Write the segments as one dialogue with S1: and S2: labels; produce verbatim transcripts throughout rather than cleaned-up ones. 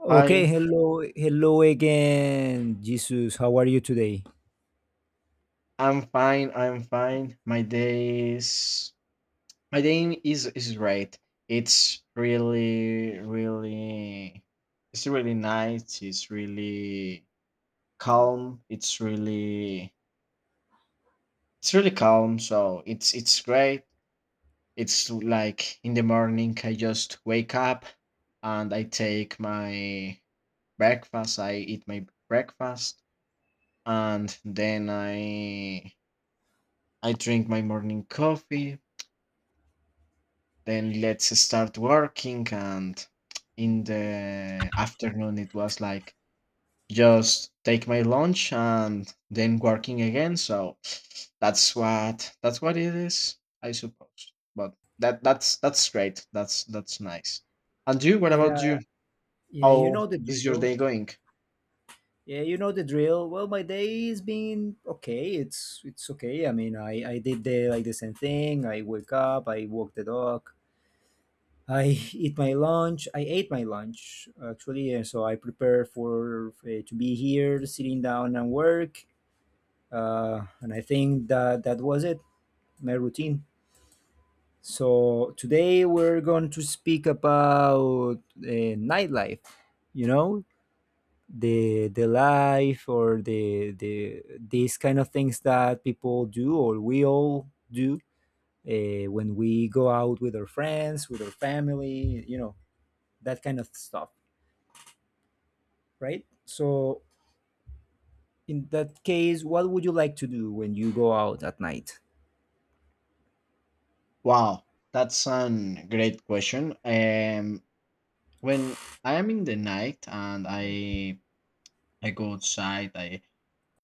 S1: Okay,
S2: Hi,
S1: hello, hello again, Jesus. How are you today?
S2: I'm fine. I'm fine. My day is my day is is great. It's really, really, it's really nice. It's really calm. It's really, it's really calm. So it's it's great. It's like in the morning. I just wake up and I take my breakfast. I eat my breakfast and then I I drink my morning coffee. Then let's start working. And in the afternoon, it was like just take my lunch and then working again. So that's what that's what it is, I suppose. But that that's that's great. That's that's nice. And you, what
S1: Yeah,
S2: about you?
S1: yeah, you
S2: How
S1: know the
S2: is your
S1: drill.
S2: day going?
S1: Yeah, you know the drill. Well, my day's been okay. It's it's okay. I mean, I I did the like the same thing. I wake up. I walk the dog. I eat my lunch. I ate my lunch actually, and so I prepare for uh, to be here, sitting down and work. Uh, and I think that that was it. My routine. So today we're going to speak about uh, nightlife. You know, the the life or the the these kind of things that people do or we all do uh, when we go out with our friends, with our family. You know, that kind of stuff, right? So in that case, what would you like to do when you go out at night?
S2: Wow, that's a great question. Um, when I am in the night and I I go outside, I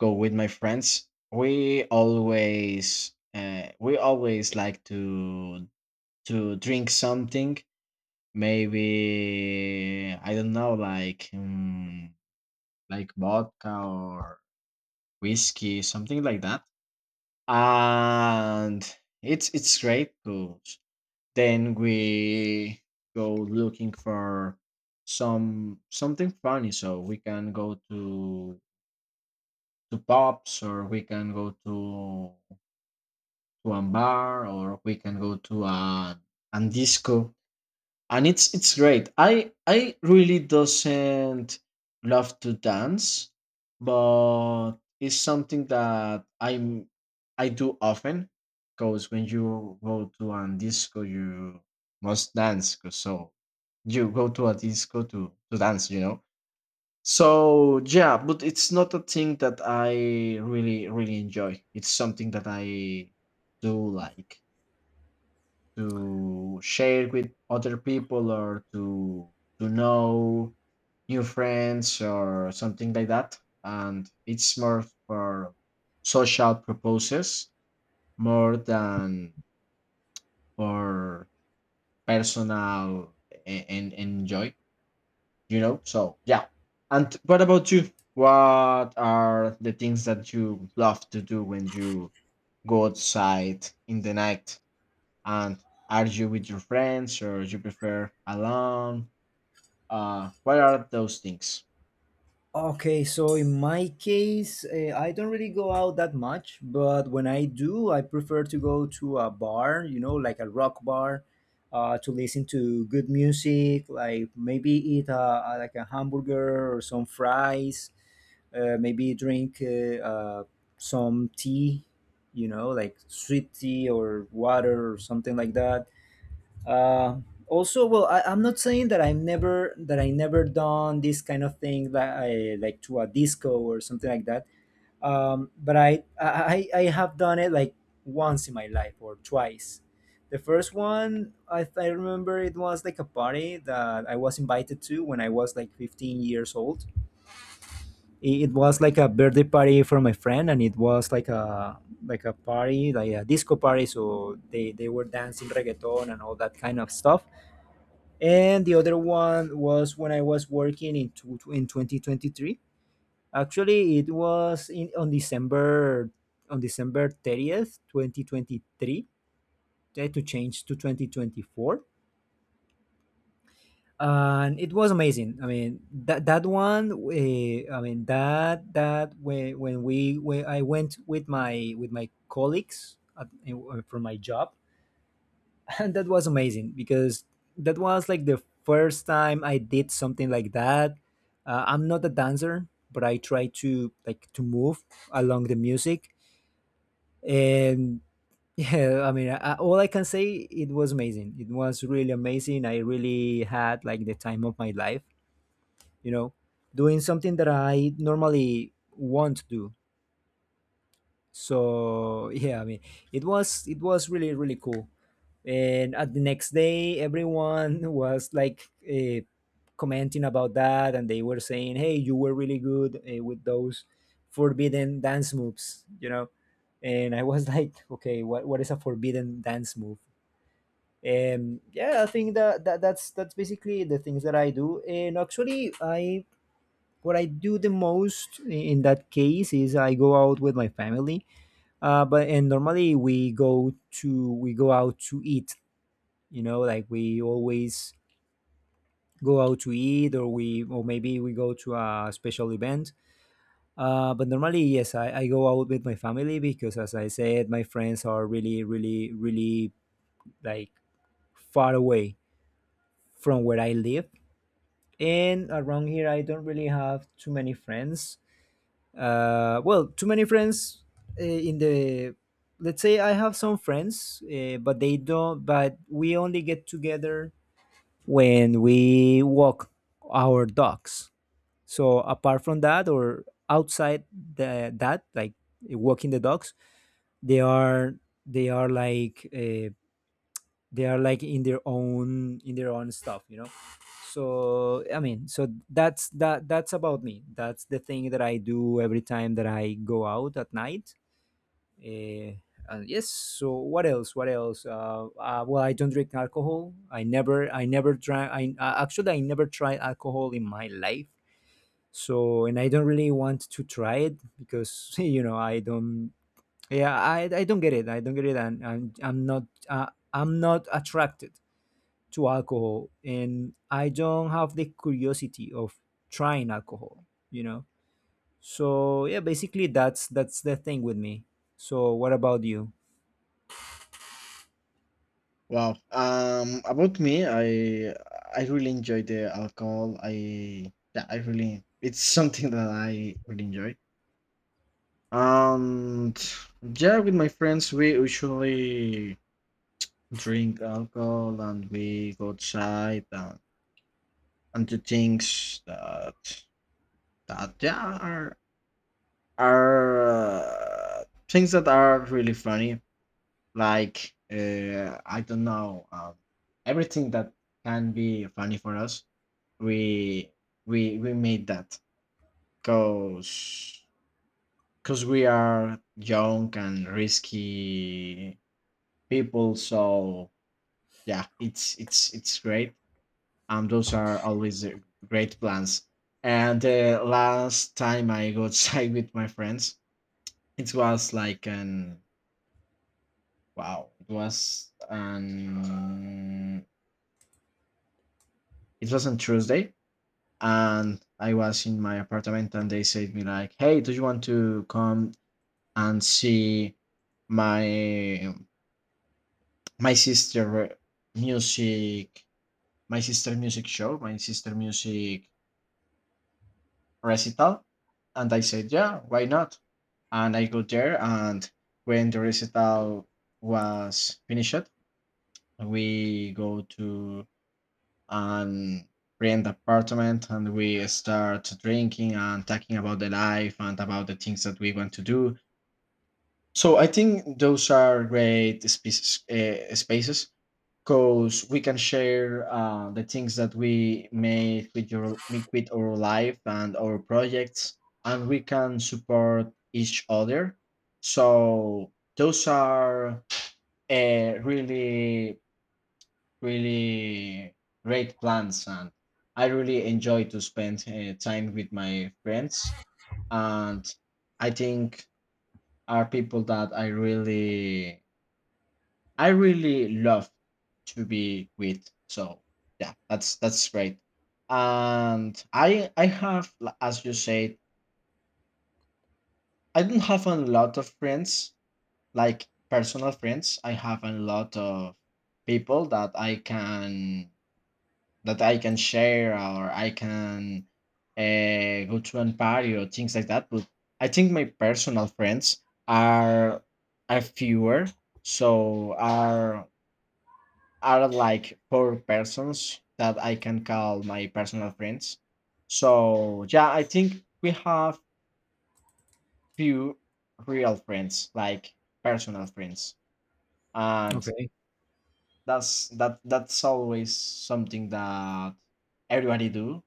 S2: go with my friends. We always uh, we always like to to drink something. Maybe I don't know, like um, like vodka or whiskey, something like that. And it's it's great because then we go looking for some something funny, so we can go to to pubs, or we can go to to a bar, or we can go to a, a disco. And it's it's great. I i really doesn't love to dance, but it's something that i'm I do often, because when you go to a disco you must dance, 'cause so you go to a disco to to dance, you know. So yeah, but it's not a thing that I really really enjoy. It's something that I do, like to share with other people or to to know new friends or something like that. And it's more for social purposes more than for personal, and, and enjoy, you know. So yeah, and what about you? What are the things that you love to do when you go outside in the night? And are you with your friends or you prefer alone? Uh, what are those things?
S1: Okay, so in my case, uh, I don't really go out that much, but when I do, I prefer to go to a bar, you know, like a rock bar, uh, to listen to good music, like maybe eat a, a- like a hamburger or some fries, uh, maybe drink uh, uh, some tea, you know, like sweet tea or water or something like that. Uh, also well I, I'm not saying that i've never that i never done this kind of thing, like I, like to a disco or something like that. Um, but I, I i have done it like once in my life or twice. The first one, I, I remember it was like a party that I was invited to when I was like fifteen years old. It, it was like a birthday party for my friend, and it was like a like a party like a disco party, so they they were dancing reggaeton and all that kind of stuff. And the other one was when I was working in tw- in twenty twenty-three. Actually, it was in on December on December thirtieth, twenty twenty-three. They had to change to twenty twenty-four, and it was amazing. I mean, that that one. Uh, I mean that that when when we when I went with my with my colleagues at, uh, from my job. And that was amazing because that was like the first time I did something like that. uh, I'm not a dancer, but I try to like to move along the music. And yeah, I mean, I, all I can say, it was amazing, it was really amazing. I really had like the time of my life, you know, doing something that I normally want to do. So yeah, I mean, it was it was really really cool. And at the next day everyone was like uh, commenting about that, and they were saying, "Hey, you were really good uh, with those forbidden dance moves, you know." And I was like, okay, what, what is a forbidden dance move? Um yeah, I think that, that that's that's basically the things that I do. And actually, I what I do the most in that case is I go out with my family. Uh, but and normally we go to we go out to eat. You know, like we always go out to eat, or we or maybe we go to a special event. Uh, but normally, yes, I, I go out with my family because, as I said, my friends are really, really, really like far away from where I live. And around here, I don't really have too many friends. Uh, well, too many friends uh, in the, let's say I have some friends, uh, but they don't but we only get together when we walk our dogs. So apart from that, or outside the, that, like walking the dogs, they are they are like uh they are like in their own, in their own stuff, you know. So I mean, so that's that that's about me. That's the thing that I do every time that I go out at night. uh, and yes, so what else, what else uh, uh, well, I don't drink alcohol. I never, I never try I uh, actually I never tried alcohol in my life. So and I don't really want to try it, because you know, I don't. Yeah, i, I don't get it, i don't get it and, and I'm not uh, I'm not attracted to alcohol, and I don't have the curiosity of trying alcohol, you know. So yeah, basically that's that's the thing with me. So what about you?
S2: Wow. Um, about me, I I really enjoy the alcohol. I, yeah, I really, it's something that I really enjoy. And yeah, with my friends, we usually drink alcohol and we go outside and, and do things that that, yeah, are are uh, things that are really funny, like uh, I don't know, um, everything that can be funny for us. We we we made that because because we are young and risky people. So yeah, it's it's it's great. Um, those are always uh, great plans. And the last time I got sick with my friends, it was like an wow, it was an it was on Tuesday, and I was in my apartment and they said me like, "Hey, do you want to come and see my my sister music my sister music show, my sister music recital?" And I said, "Yeah, why not?" And I go there, and when the recital was finished, we go to and rent apartment and we start drinking and talking about the life and about the things that we want to do. So I think those are great spaces uh, spaces, because we can share uh, the things that we made with your make with our life and our projects, and we can support each other. So those are uh, really, really great plans, and I really enjoy to spend uh, time with my friends. And I think are people that I really I really love to be with. So yeah, that's that's great. And i i have l- as you said, I don't have a lot of friends. Like personal friends, I have a lot of people that i can that I can share, or I can uh, go to an party or things like that. But I think my personal friends are are fewer, so are are like four persons that I can call my personal friends. So yeah, I think we have few real friends, like personal friends, and
S1: Okay.
S2: that's that that's always something that everybody do.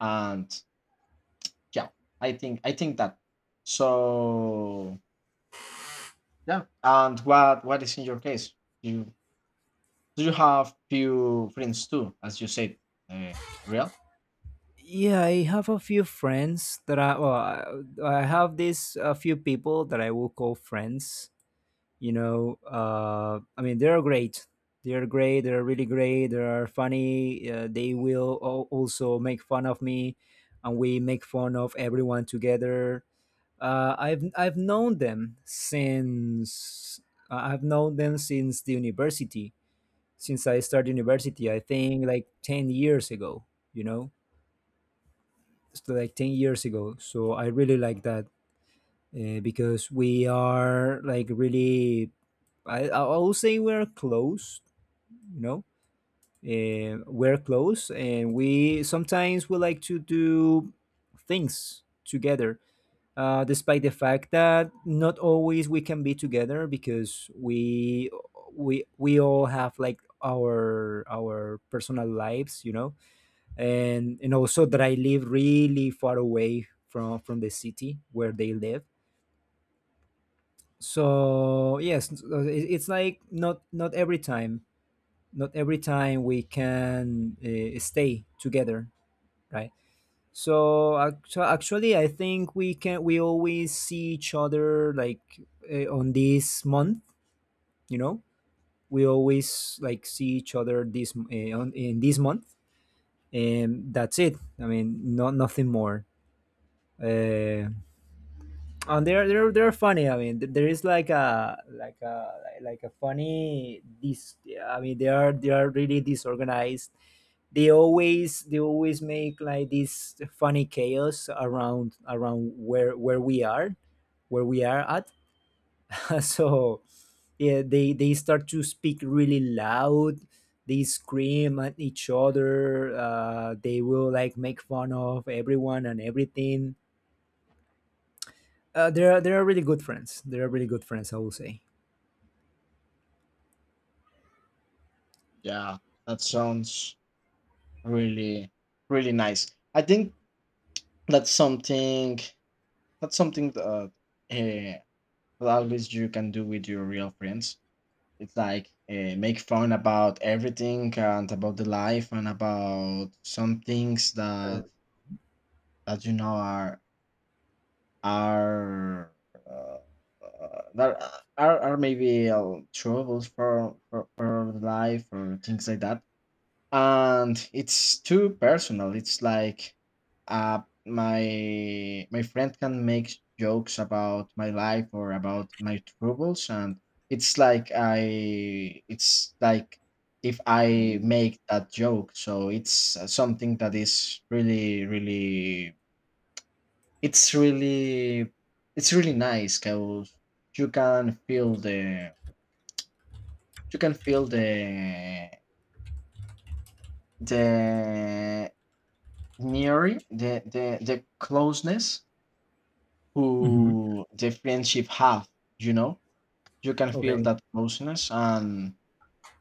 S2: And yeah, i think i think that. So yeah. And what what is in your case? You, do you have few friends too as you said, uh, real?
S1: Yeah, I have a few friends that I, well, I I have these a few people that I will call friends. You know, uh, I mean they are great. They are great. They are really great. They are funny. Uh, they will al- also make fun of me, and we make fun of everyone together. Uh, I've I've known them since uh, I've known them since the university. Since I started university, I think like ten years ago. You know, so like ten years ago. So I really like that uh, because we are like really, I I will say we're close. You know, uh, we're close, and we sometimes we like to do things together, uh, despite the fact that not always we can be together, because we we we all have like our our personal lives, you know. and and also that I live really far away from from the city where they live. So yes, so it- it's like not, not every time, not every time we can uh, stay together, right? So actu- actually, I think we can we always see each other like uh, on this month. You know, we always like see each other this uh, on, in this month, and that's it. I mean, not nothing more. Uh, and they're they're they're funny. I mean, th- there is like a like a like a funny this. I mean, they are they are really disorganized. They always they always make like this funny chaos around around where where we are where we are at. So yeah, they they start to speak really loud. They scream at each other. Uh, they will like make fun of everyone and everything. Uh, they are they are really good friends, they are really good friends I will say.
S2: Yeah, that sounds really, really nice. I think that's something that's something that uh, always you can do with your real friends. It's like uh, make fun about everything and about the life and about some things that that you know are. Are, uh, uh, there are are maybe uh, troubles for, for for life or things like that, and it's too personal. It's like, uh, my my friend can make jokes about my life or about my troubles, and it's like I, it's like if I make that joke. So it's uh, something that is really really it's really, it's really nice, because you can feel the you can feel the the near the the the closeness
S1: Hmm.
S2: who the friendship have, you know. You can feel
S1: Okay.
S2: that closeness. and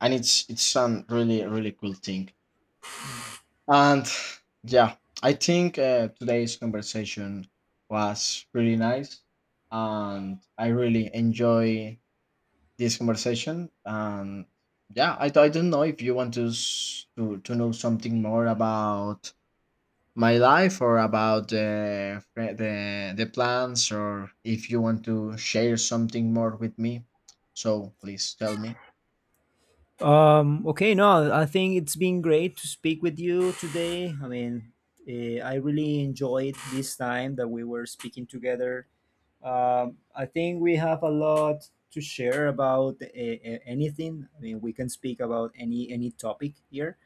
S2: and it's it's some really, really cool thing. And yeah, I think uh, today's conversation was really nice, and I really enjoy this conversation. And yeah, I, I don't know if you want to, s- to to know something more about my life or about the fre- the the plans, or if you want to share something more with me. So please tell me.
S1: Um, okay, no, I think it's been great to speak with you today. I mean, eh, I really enjoyed this time that we were speaking together. Um, I think we have a lot to share about uh, anything. I mean, we can speak about any any topic here.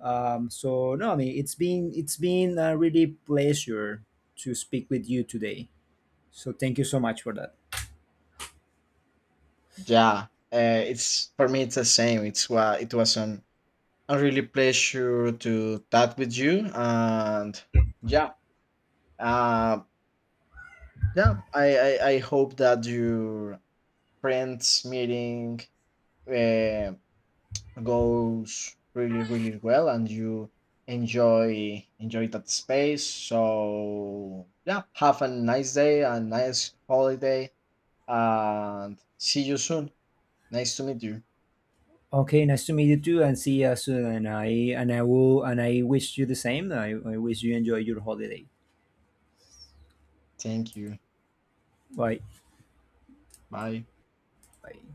S1: Um, so no, I mean, it's been it's been a really pleasure to speak with you today. So thank you so much for that.
S2: Yeah, uh, it's for me, it's the same. It's wa it was an a really pleasure to talk with you, and yeah, uh, yeah. I I, I hope that your friends meeting uh, goes really, really well, and you enjoy enjoy that space. So yeah, have a nice day, a nice holiday, and see you soon. Nice to meet you.
S1: Okay, nice to meet you too, and see you soon. And I and I will and I wish you the same. I, I wish you enjoy your holiday.
S2: Thank you.
S1: Bye.
S2: Bye.
S1: Bye.